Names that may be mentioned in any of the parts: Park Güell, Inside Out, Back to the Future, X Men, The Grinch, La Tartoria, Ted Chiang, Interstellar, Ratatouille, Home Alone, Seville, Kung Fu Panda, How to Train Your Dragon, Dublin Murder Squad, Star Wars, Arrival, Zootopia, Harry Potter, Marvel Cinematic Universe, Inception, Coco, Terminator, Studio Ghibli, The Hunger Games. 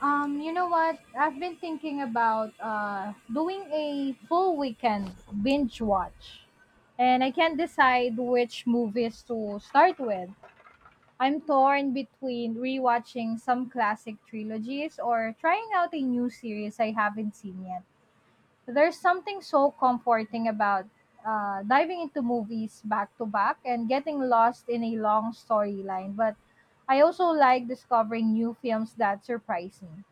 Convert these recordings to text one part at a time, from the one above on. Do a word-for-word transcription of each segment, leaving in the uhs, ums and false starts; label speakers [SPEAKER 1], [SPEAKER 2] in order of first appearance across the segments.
[SPEAKER 1] Um, you know what? I've been thinking about uh doing a full weekend binge watch. And I can't decide which movies to start with. I'm torn between rewatching some classic trilogies or trying out a new series I haven't seen yet. There's something so comforting about uh, diving into movies back to back and getting lost in a long storyline, but I also like discovering new films that surprise me.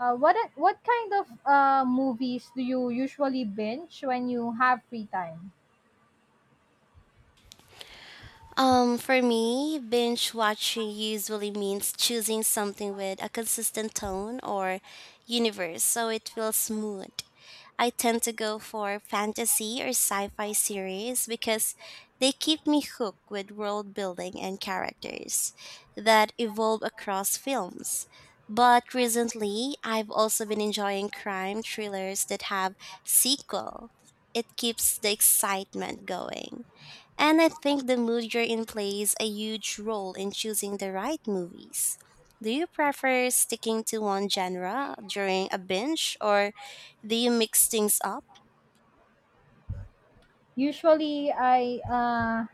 [SPEAKER 1] Uh, what a- what kind of uh, movies do you usually binge when you have free time?
[SPEAKER 2] Um, for me, binge watching usually means choosing something with a consistent tone or universe so it feels smooth. I tend to go for fantasy or sci fi series because they keep me hooked with world building and characters that evolve across films. But recently, I've also been enjoying crime thrillers that have sequels. It keeps the excitement going. And I think the mood you're in plays a huge role in choosing the right movies. Do you prefer sticking to one genre during a binge or do you mix things up?
[SPEAKER 1] Usually, I uh,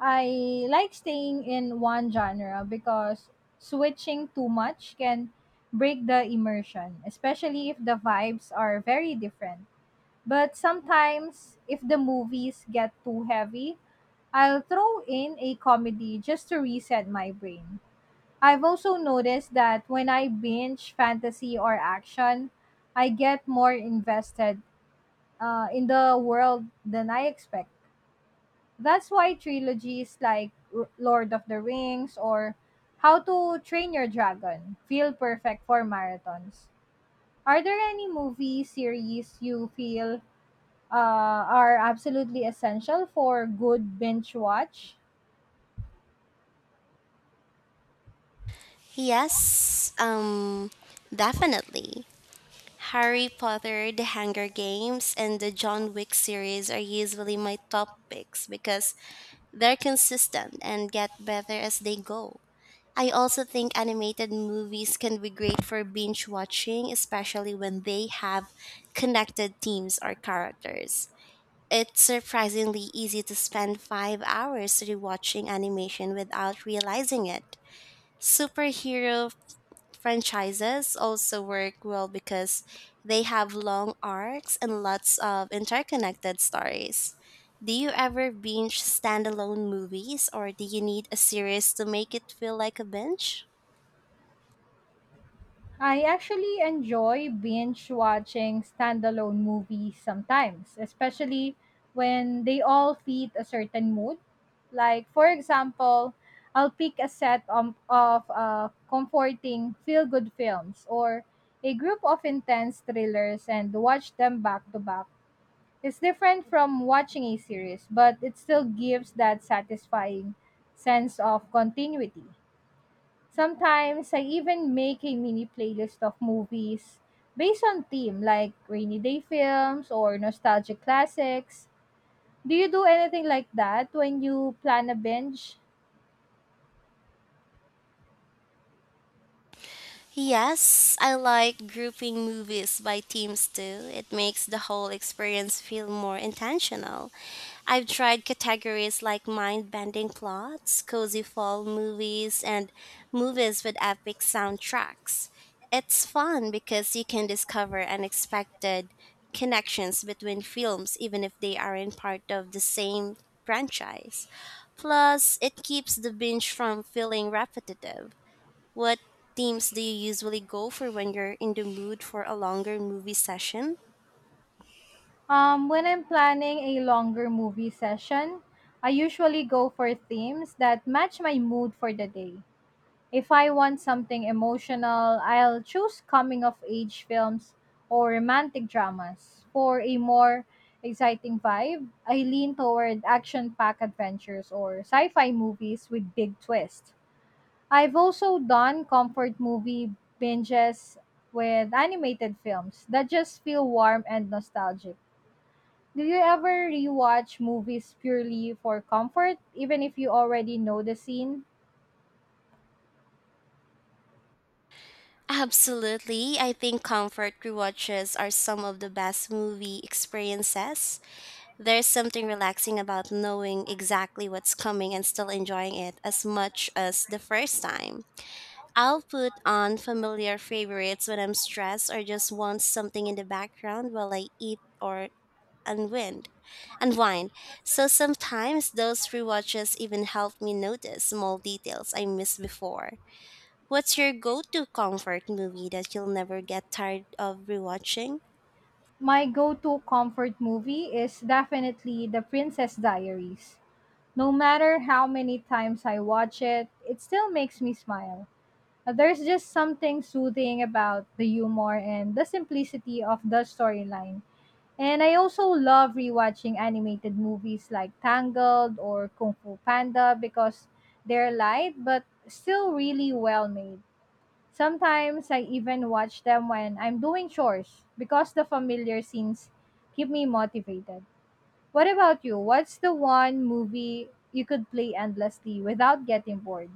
[SPEAKER 1] I like staying in one genre because switching too much can break the immersion, especially if the vibes are very different. But sometimes, if the movies get too heavy, I'll throw in a comedy just to reset my brain. I've also noticed that when I binge fantasy or action, I get more invested uh, in the world than I expect. That's why trilogies like R- Lord of the Rings or How to Train Your Dragon feel perfect for marathons. Are there any movie series you feel uh, are absolutely essential for good binge watch?
[SPEAKER 2] Yes, um definitely. Harry Potter, The Hunger Games, and the John Wick series are usually my top picks because they're consistent and get better as they go. I also think animated movies can be great for binge watching, especially when they have connected themes or characters. It's surprisingly easy to spend five hours rewatching animation without realizing it. Superhero franchises also work well because they have long arcs and lots of interconnected stories. Do you ever binge standalone movies, or do you need a series to make it feel like a binge?
[SPEAKER 1] I actually enjoy binge watching standalone movies sometimes, especially when they all fit a certain mood. Like, for example, I'll pick a set of, of uh, comforting feel good films or a group of intense thrillers and watch them back to back. It's different from watching a series, but it still gives that satisfying sense of continuity. Sometimes I even make a mini playlist of movies based on theme like rainy day films or nostalgic classics. Do you do anything like that when you plan a binge?
[SPEAKER 2] Yes, I like grouping movies by themes too. It makes the whole experience feel more intentional. I've tried categories like mind bending plots, cozy fall movies, and movies with epic soundtracks. It's fun because you can discover unexpected connections between films, even if they aren't part of the same franchise. Plus, it keeps the binge from feeling repetitive. What themes do you usually go for when you're in the mood for a longer movie session?
[SPEAKER 1] Um, when I'm planning a longer movie session, I usually go for themes that match my mood for the day. If I want something emotional, I'll choose coming of age films or romantic dramas. For a more exciting vibe, I lean toward action packed adventures or sci fi movies with big twists. I've also done comfort movie binges with animated films that just feel warm and nostalgic. Do you ever rewatch movies purely for comfort, even if you already know the scene?
[SPEAKER 2] Absolutely. I think comfort rewatches are some of the best movie experiences. There's something relaxing about knowing exactly what's coming and still enjoying it as much as the first time. I'll put on familiar favorites when I'm stressed or just want something in the background while I eat or unwind, unwind. So sometimes those rewatches even help me notice small details I missed before. What's your go-to comfort movie that you'll never get tired of rewatching?
[SPEAKER 1] My go to comfort movie is definitely The Princess Diaries. No matter how many times I watch it, it still makes me smile. Uh, There's just something soothing about the humor and the simplicity of the storyline. And I also love rewatching animated movies like Tangled or Kung Fu Panda because they're light but still really well made. Sometimes I even watch them when I'm doing chores because the familiar scenes keep me motivated. What about you? What's the one movie you could play endlessly without getting bored?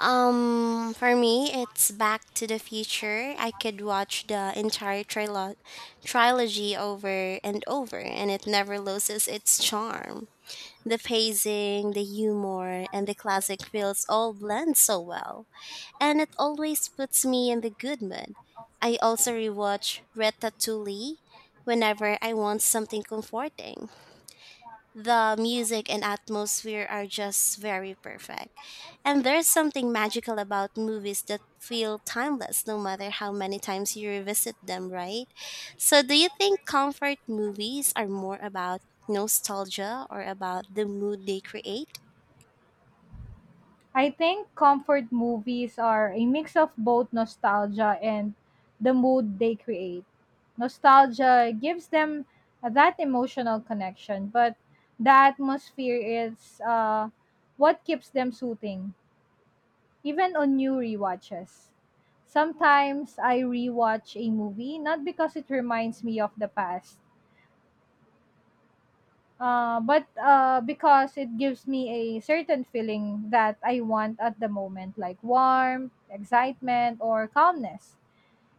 [SPEAKER 2] Um, for me, it's Back to the Future. I could watch the entire trilo- trilogy over and over, and it never loses its charm. The pacing, the humor, and the classic feels all blend so well, and it always puts me in the good mood. I also rewatch Ratatouille whenever I want something comforting. The music and atmosphere are just very perfect. And there's something magical about movies that feel timeless no matter how many times you revisit them, right? So, do you think comfort movies are more about nostalgia or about the mood they create?
[SPEAKER 1] I think comfort movies are a mix of both nostalgia and the mood they create. Nostalgia gives them that emotional connection, but the atmosphere is uh, what keeps them soothing, even on new rewatches. Sometimes I rewatch a movie not because it reminds me of the past, uh, but uh, because it gives me a certain feeling that I want at the moment, like warmth, excitement, or calmness.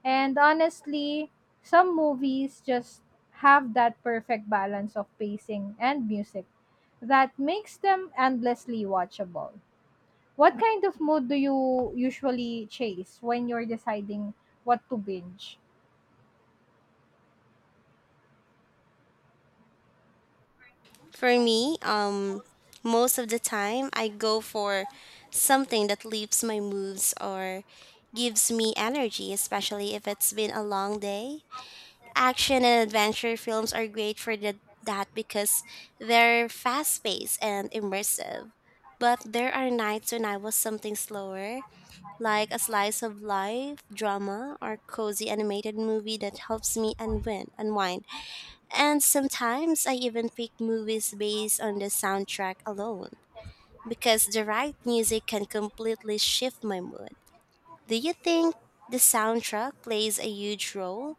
[SPEAKER 1] And honestly, some movies just have that perfect balance of pacing and music that makes them endlessly watchable. What kind of mood do you usually chase when you're deciding what to binge?
[SPEAKER 2] For me, um, most of the time I go for something that lifts my moods or gives me energy, especially if it's been a long day. Action and adventure films are great for the, that because they're fast paced and immersive. But there are nights when I was something slower, like a slice of life, drama, or cozy animated movie that helps me unwind, unwind and sometimes I even pick movies based on the soundtrack alone, because the right music can completely shift my mood. Do you think the soundtrack plays a huge role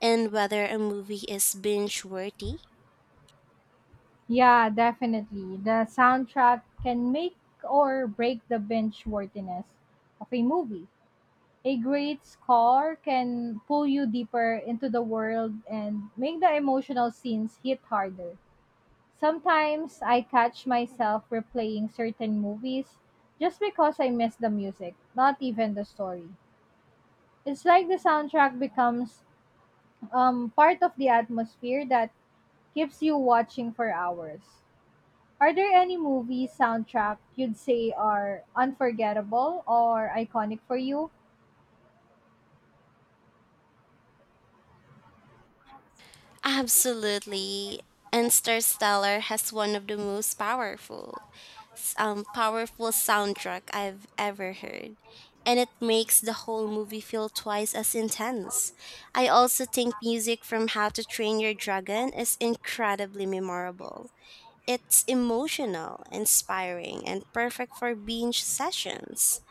[SPEAKER 2] in whether a movie is binge worthy?
[SPEAKER 1] Yeah, definitely. The soundtrack can make or break the binge worthiness of a movie. A great score can pull you deeper into the world and make the emotional scenes hit harder. Sometimes I catch myself replaying certain movies just because I miss the music, not even the story. It's like the soundtrack becomes um, part of the atmosphere that keeps you watching for hours. Are there any movie soundtrack you'd say are unforgettable or iconic for you?
[SPEAKER 2] Absolutely. And Interstellar has one of the most powerful s- um, powerful soundtrack I've ever heard. And it makes the whole movie feel twice as intense. I also think music from How to Train Your Dragon is incredibly memorable. It's emotional, inspiring, and perfect for binge sessions.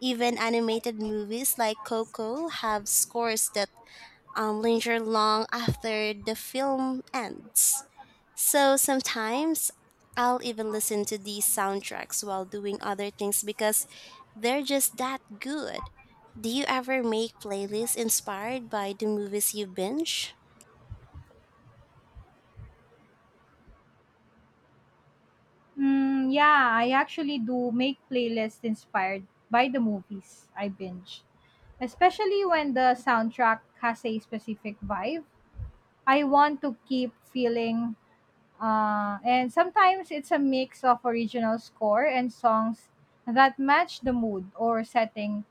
[SPEAKER 2] Even animated movies like Coco have scores that um, linger long after the film ends. So sometimes I'll even listen to these soundtracks while doing other things because they're just that good. Do you ever make playlists inspired by the movies you binge?
[SPEAKER 1] Mm, yeah, I actually do make playlists inspired by the movies I binge, especially when the soundtrack has a specific vibe. I want to keep feeling. Uh, and sometimes it's a mix of original score and songs that match the mood or setting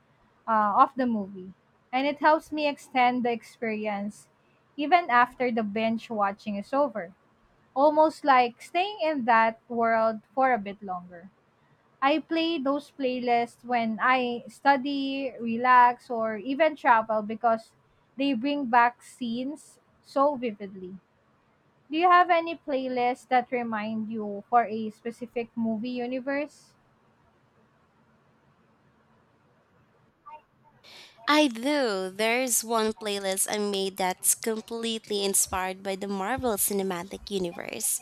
[SPEAKER 1] uh, of the movie. And it helps me extend the experience even after the binge watching is over, almost like staying in that world for a bit longer. I play those playlists when I study, relax, or even travel because they bring back scenes so vividly. Do you have any playlists that remind you for a specific movie universe?
[SPEAKER 2] I do. There's one playlist I made that's completely inspired by the Marvel Cinematic Universe.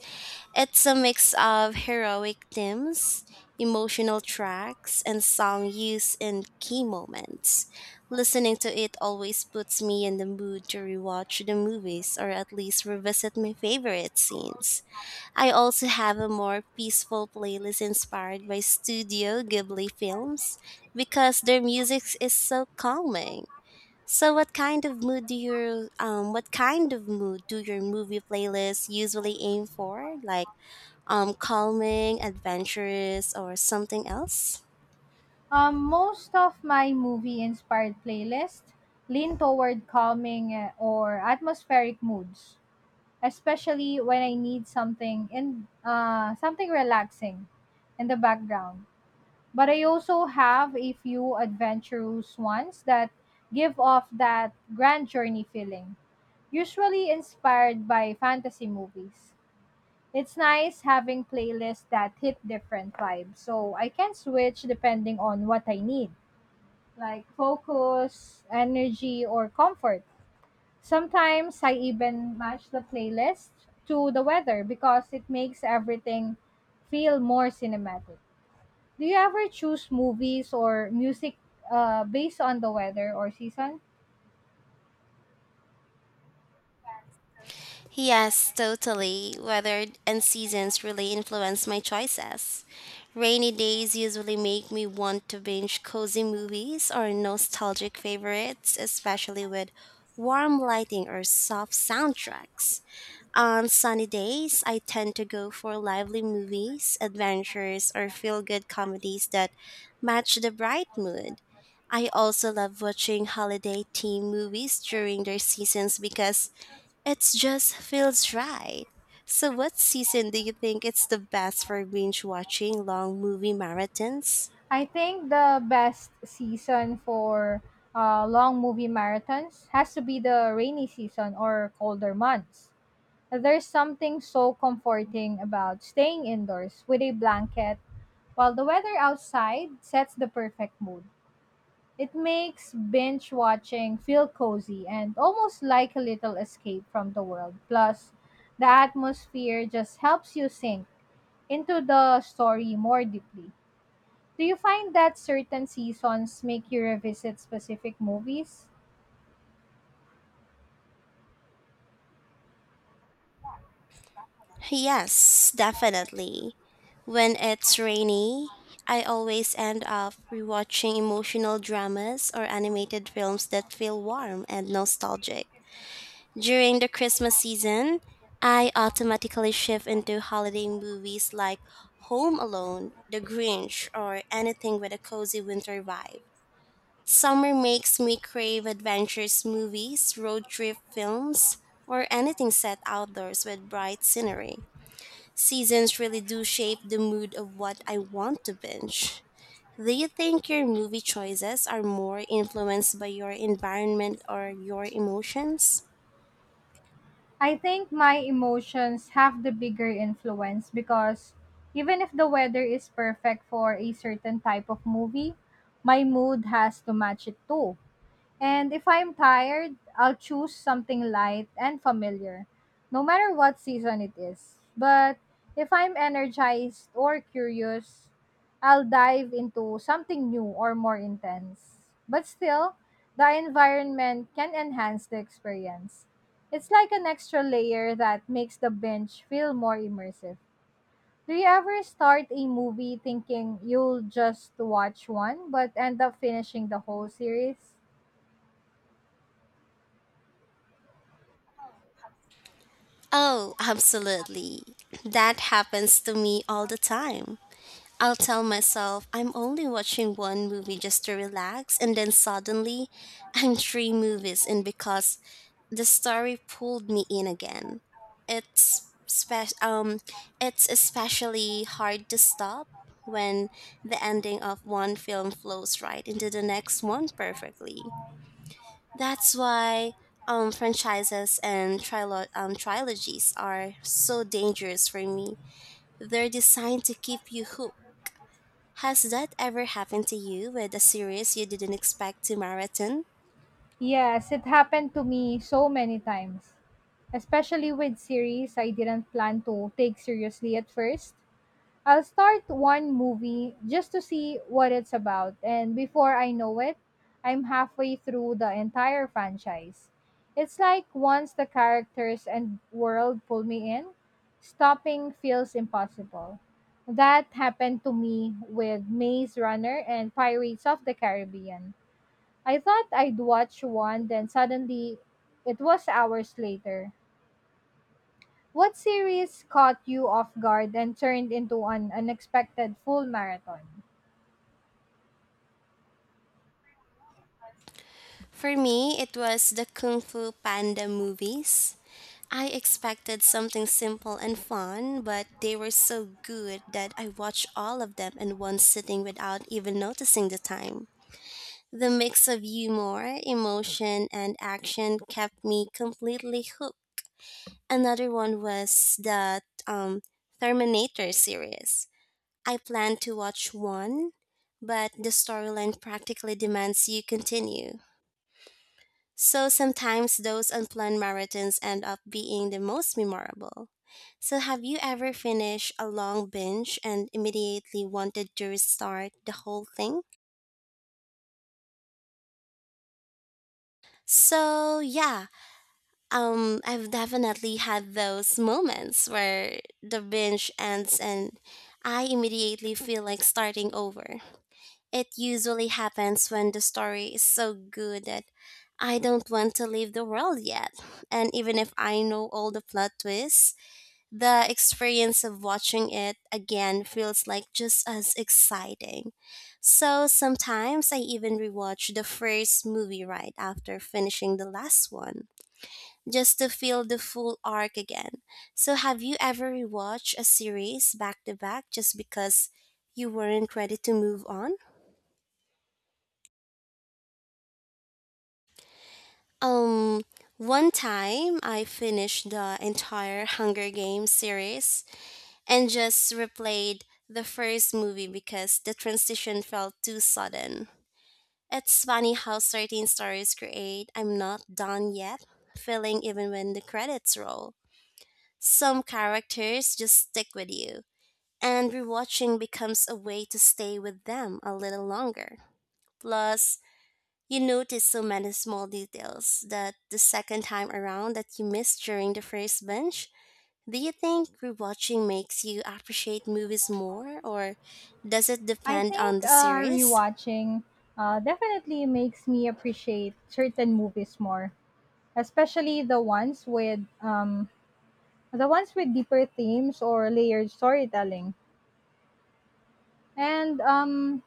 [SPEAKER 2] It's a mix of heroic themes, emotional tracks, and song used in key moments. Listening to it always puts me in the mood to rewatch the movies or at least revisit my favorite scenes. I also have a more peaceful playlist inspired by Studio Ghibli films because their music is so calming. So what kind of mood do your um what kind of mood do your movie playlists usually aim for? Like um, calming, adventurous, or something else?
[SPEAKER 1] Um, most of my movie-inspired playlists lean toward calming uh, or atmospheric moods, especially when I need something in uh, something relaxing in the background. But I also have a few adventurous ones that give off that grand journey feeling, usually inspired by fantasy movies. It's nice having playlists that hit different vibes. So I can switch depending on what I need, like focus, energy, or comfort. Sometimes I even match the playlist to the weather because it makes everything feel more cinematic. Do you ever choose movies or music uh, based on the weather or season?
[SPEAKER 2] Yes, totally. Weather and seasons really influence my choices. Rainy days usually make me want to binge cozy movies or nostalgic favorites, especially with warm lighting or soft soundtracks. On sunny days, I tend to go for lively movies, adventures, or feel good comedies that match the bright mood. I also love watching holiday themed movies during their seasons because it just feels right. So, what season do you think it's the best for binge watching long movie marathons?
[SPEAKER 1] I think the best season for uh, long movie marathons has to be the rainy season or colder months. There's something so comforting about staying indoors with a blanket while the weather outside sets the perfect mood. It makes binge watching feel cozy and almost like a little escape from the world. Plus, the atmosphere just helps you sink into the story more deeply. Do you find that certain seasons make you revisit specific movies?
[SPEAKER 2] Yes, definitely. When it's rainy, I always end up rewatching emotional dramas or animated films that feel warm and nostalgic. During the Christmas season, I automatically shift into holiday movies like Home Alone, The Grinch, or anything with a cozy winter vibe. Summer makes me crave adventures movies, road trip films, or anything set outdoors with bright scenery. Seasons really do shape the mood of what I want to binge. Do you think your movie choices are more influenced by your environment or your emotions?
[SPEAKER 1] I think my emotions have the bigger influence because even if the weather is perfect for a certain type of movie, my mood has to match it too. And if I'm tired, I'll choose something light and familiar, no matter what season it is. But if I'm energized or curious, I'll dive into something new or more intense. But still, the environment can enhance the experience. It's like an extra layer that makes the binge feel more immersive. Do you ever start a movie thinking you'll just watch one but end up finishing the whole series?
[SPEAKER 2] Oh, absolutely. That happens to me all the time. I'll tell myself I'm only watching one movie just to relax, and then suddenly I'm three movies in because the story pulled me in again. It's spe- um it's especially hard to stop when the ending of one film flows right into the next one perfectly. That's why um franchises and trilo- um, trilogies are so dangerous for me. They're designed to keep you hooked. Has that ever happened to you with a series you didn't expect to marathon?
[SPEAKER 1] Yes, it happened to me so many times, especially with series I didn't plan to take seriously at first. I'll start one movie just to see what it's about, and before I know it, I'm halfway through the entire franchise. It's like once the characters and world pull me in, stopping feels impossible. That happened to me with Maze Runner and Pirates of the Caribbean. I thought I'd watch one, then suddenly it was hours later. What series caught you off guard and turned into an unexpected full marathon?
[SPEAKER 2] For me, it was the Kung Fu Panda movies. I expected something simple and fun, but they were so good that I watched all of them in one sitting without even noticing the time. The mix of humor, emotion, and action kept me completely hooked. Another one was the um, Terminator series. I plan to watch one, but the storyline practically demands you continue. So sometimes those unplanned marathons end up being the most memorable. So, have you ever finished a long binge and immediately wanted to restart the whole thing? So, yeah, um, I've definitely had those moments where the binge ends and I immediately feel like starting over. It usually happens when the story is so good that I don't want to leave the world yet. And even if I know all the plot twists, the experience of watching it again feels like just as exciting. So sometimes I even rewatch the first movie right after finishing the last one, just to feel the full arc again. So have you ever rewatched a series back to back just because you weren't ready to move on? Um, One time I finished the entire Hunger Games series and just replayed the first movie because the transition felt too sudden. It's funny how certain stories create I'm not done yet feeling even when the credits roll. Some characters just stick with you, and rewatching becomes a way to stay with them a little longer. Plus, you notice so many small details that the second time around that you missed during the first binge. Do you think rewatching makes you appreciate movies more, or does it
[SPEAKER 1] I
[SPEAKER 2] depend
[SPEAKER 1] think
[SPEAKER 2] on the
[SPEAKER 1] uh,
[SPEAKER 2] series?
[SPEAKER 1] rewatching uh, definitely makes me appreciate certain movies more, especially the ones with um, the ones with deeper themes or layered storytelling. And um,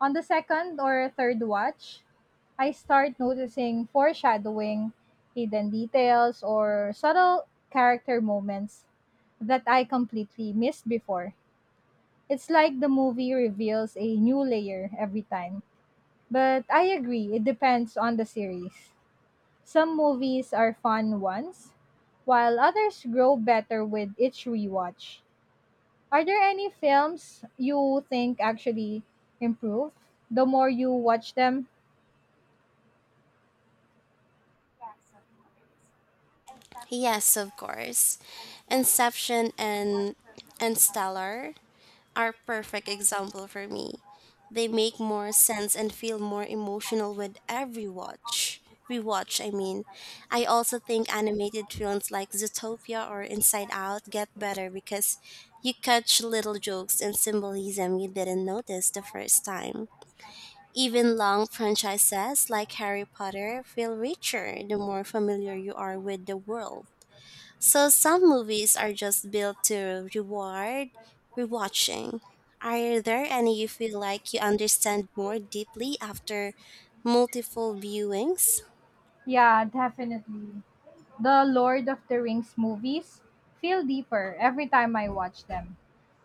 [SPEAKER 1] On the second or third watch, I start noticing foreshadowing, hidden details, or subtle character moments that I completely missed before. It's like the movie reveals a new layer every time. But I agree, it depends on the series. Some movies are fun once, while others grow better with each rewatch. Are there any films you think actually improve the more you watch them?
[SPEAKER 2] Yes, of course. Inception and and Stellar are perfect example for me. They make more sense and feel more emotional with every watch. Rewatch, I mean. I also think animated films like Zootopia or Inside Out get better because you catch little jokes and symbolism you didn't notice the first time. Even long franchises like Harry Potter feel richer the more familiar you are with the world. So some movies are just built to reward rewatching. Are there any you feel like you understand more deeply after multiple viewings?
[SPEAKER 1] Yeah, definitely. The Lord of the Rings movies feel deeper every time I watch them.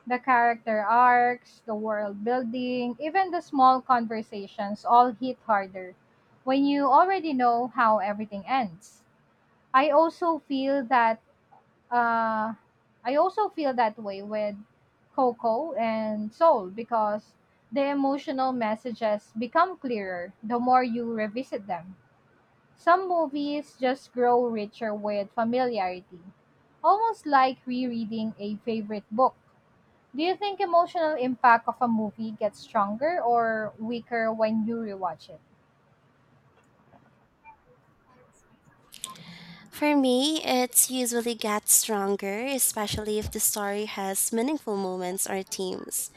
[SPEAKER 1] The character arcs, the world building, even the small conversations all hit harder when you already know how everything ends. I also feel that uh, I also feel that way with Coco and Soul because the emotional messages become clearer the more you revisit them. Some movies just grow richer with familiarity, almost like rereading a favorite book. Do you think emotional impact of a movie gets stronger or weaker when you rewatch it?
[SPEAKER 2] For me, it's usually gets stronger, especially if the story has meaningful moments or themes.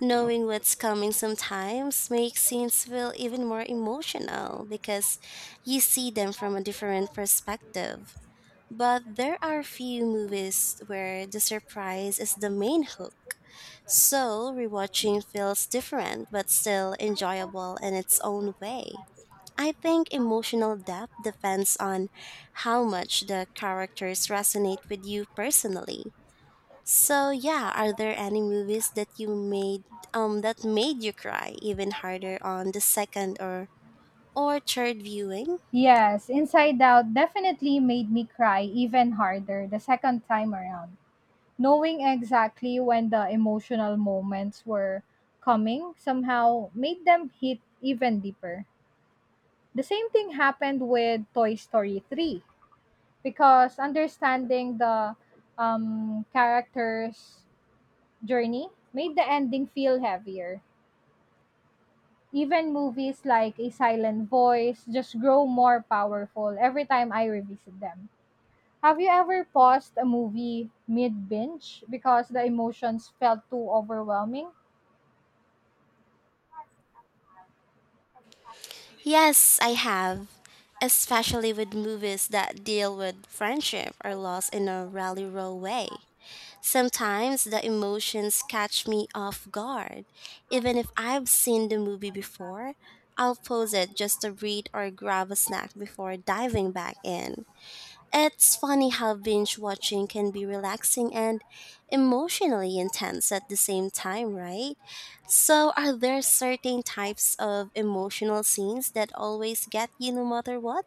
[SPEAKER 2] Knowing what's coming sometimes makes scenes feel even more emotional because you see them from a different perspective. But there are few movies where the surprise is the main hook. So, rewatching feels different but still enjoyable in its own way. I think emotional depth depends on how much the characters resonate with you personally. So, yeah, are there any movies that you made um that made you cry even harder on the second or or third viewing?
[SPEAKER 1] Yes, Inside Out definitely made me cry even harder the second time around. Knowing exactly when the emotional moments were coming somehow made them hit even deeper. The same thing happened with Toy Story three, because understanding the um, character's journey made the ending feel heavier. Even movies like A Silent Voice just grow more powerful every time I revisit them. Have you ever paused a movie mid binge because the emotions felt too overwhelming?
[SPEAKER 2] Yes, I have, especially with movies that deal with friendship or loss in a really raw way. Sometimes the emotions catch me off guard. Even if I've seen the movie before, I'll pause it just to read or grab a snack before diving back in. It's funny how binge watching can be relaxing and emotionally intense at the same time, right? So, are there certain types of emotional scenes that always get you no matter what?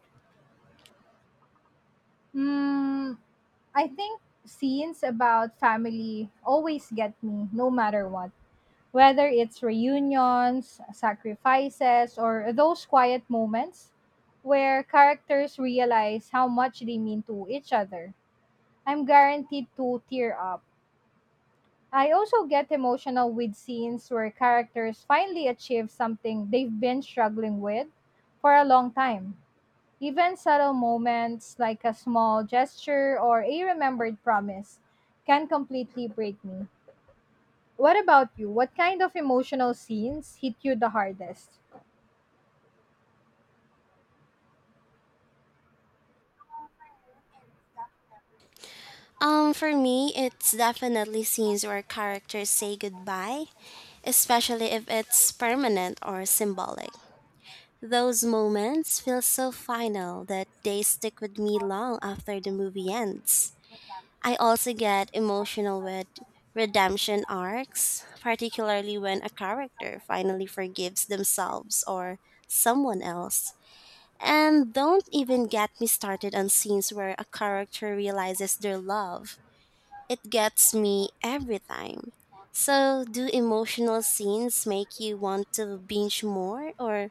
[SPEAKER 1] Mm, I think scenes about family always get me, no matter what. Whether it's reunions, sacrifices, or those quiet moments where characters realize how much they mean to each other, I'm guaranteed to tear up. I also get emotional with scenes where characters finally achieve something they've been struggling with for a long time. Even subtle moments like a small gesture or a remembered promise can completely break me. What about you? What kind of emotional scenes hit you the hardest?
[SPEAKER 2] Um, for me, it's definitely scenes where characters say goodbye, especially if it's permanent or symbolic. Those moments feel so final that they stick with me long after the movie ends. I also get emotional with redemption arcs, particularly when a character finally forgives themselves or someone else. And don't even get me started on scenes where a character realizes their love. It gets me every time. So, do emotional scenes make you want to binge more or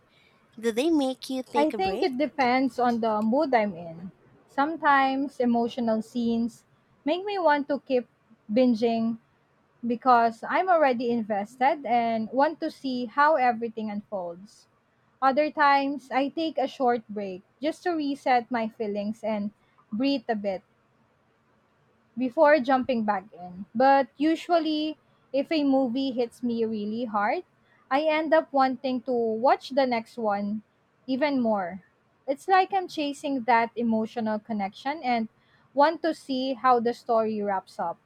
[SPEAKER 2] do they make you
[SPEAKER 1] I
[SPEAKER 2] take a
[SPEAKER 1] think
[SPEAKER 2] break?
[SPEAKER 1] it depends on the mood I'm in. Sometimes emotional scenes make me want to keep binging because I'm already invested and want to see how everything unfolds. Other times, I take a short break just to reset my feelings and breathe a bit before jumping back in. But usually, if a movie hits me really hard, I end up wanting to watch the next one even more. It's like I'm chasing that emotional connection and want to see how the story wraps up.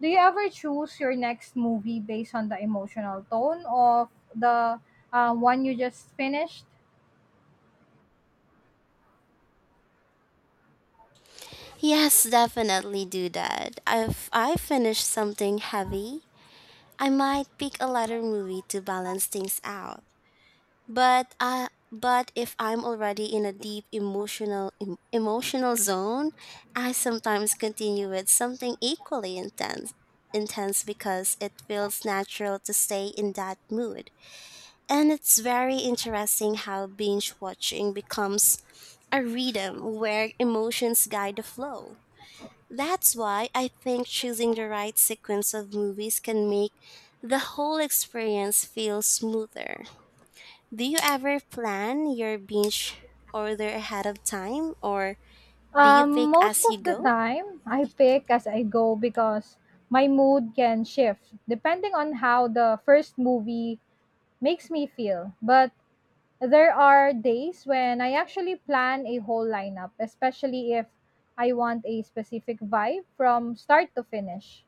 [SPEAKER 1] Do you ever choose your next movie based on the emotional tone of the uh, one you just finished?
[SPEAKER 2] Yes, definitely do that. If I finish something heavy, I might pick a lighter movie to balance things out. But I but if I'm already in a deep emotional em- emotional zone, I sometimes continue with something equally intense intense because it feels natural to stay in that mood. And it's very interesting how binge watching becomes a rhythm where emotions guide the flow. That's why I think choosing the right sequence of movies can make the whole experience feel smoother. Do you ever plan your binge order ahead of time or do you
[SPEAKER 1] Um,
[SPEAKER 2] pick
[SPEAKER 1] most
[SPEAKER 2] as you
[SPEAKER 1] of the
[SPEAKER 2] go?
[SPEAKER 1] time, I pick as I go because my mood can shift depending on how the first movie makes me feel. But there are days when I actually plan a whole lineup, especially if I want a specific vibe from start to finish.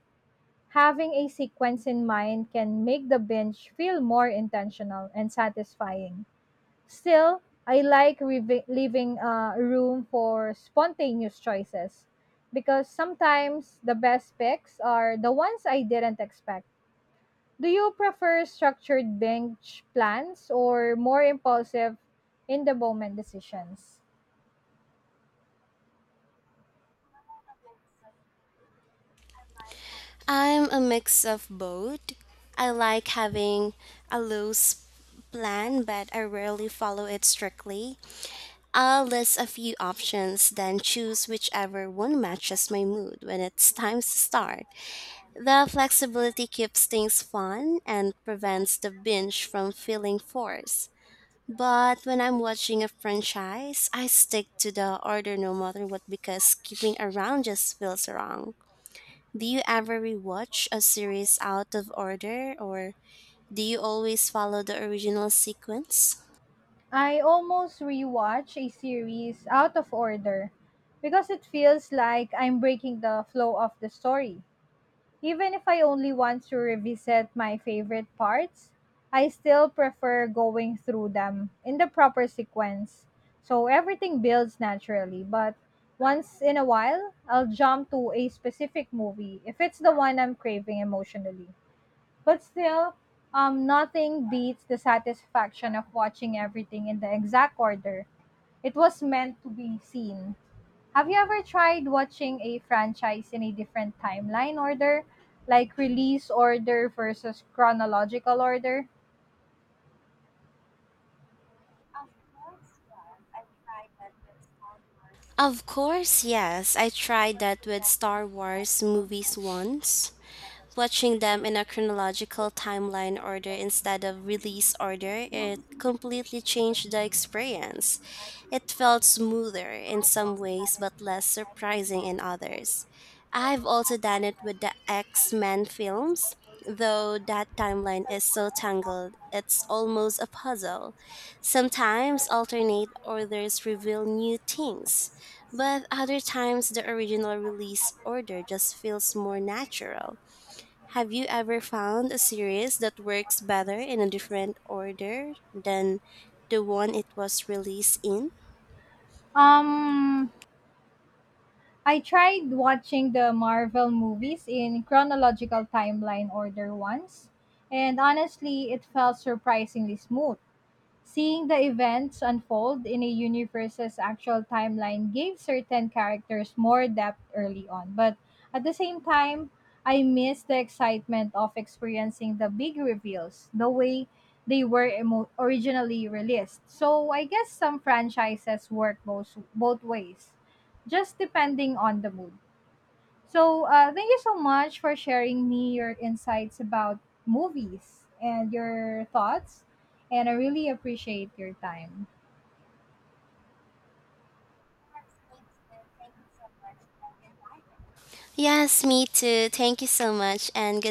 [SPEAKER 1] Having a sequence in mind can make the binge feel more intentional and satisfying. Still, I like revi- leaving uh, room for spontaneous choices because sometimes the best picks are the ones I didn't expect. Do you prefer structured bench plans or more impulsive in the moment decisions?
[SPEAKER 2] I'm a mix of both. I like having a loose plan, but I rarely follow it strictly. I'll list a few options, then choose whichever one matches my mood when it's time to start. The flexibility keeps things fun and prevents the binge from feeling forced. But when I'm watching a franchise, I stick to the order no matter what because skipping around just feels wrong. Do you ever rewatch a series out of order or do you always follow the original sequence?
[SPEAKER 1] I almost rewatch a series out of order because it feels like I'm breaking the flow of the story. Even if I only want to revisit my favorite parts, I still prefer going through them in the proper sequence. So everything builds naturally, but once in a while, I'll jump to a specific movie if it's the one I'm craving emotionally. But still, um, nothing beats the satisfaction of watching everything in the exact order it was meant to be seen. Have you ever tried watching a franchise in a different timeline order, like release order versus chronological order?
[SPEAKER 2] Of course, yes. I tried that with Star Wars movies once. Watching them in a chronological timeline order instead of release order, it completely changed the experience. It felt smoother in some ways, but less surprising in others. I've also done it with the X Men films, though that timeline is so tangled, it's almost a puzzle. Sometimes alternate orders reveal new things, but other times the original release order just feels more natural. Have you ever found a series that works better in a different order than the one it was released in?
[SPEAKER 1] Um, I tried watching the Marvel movies in chronological timeline order once, and honestly, it felt surprisingly smooth. Seeing the events unfold in a universe's actual timeline gave certain characters more depth early on, but at the same time, I miss the excitement of experiencing the big reveals, the way they were emo- originally released. So I guess some franchises work both both ways, just depending on the mood. So, uh, thank you so much for sharing me your insights about movies and your thoughts. And I really appreciate your time.
[SPEAKER 2] Yes, me too. Thank you so much, and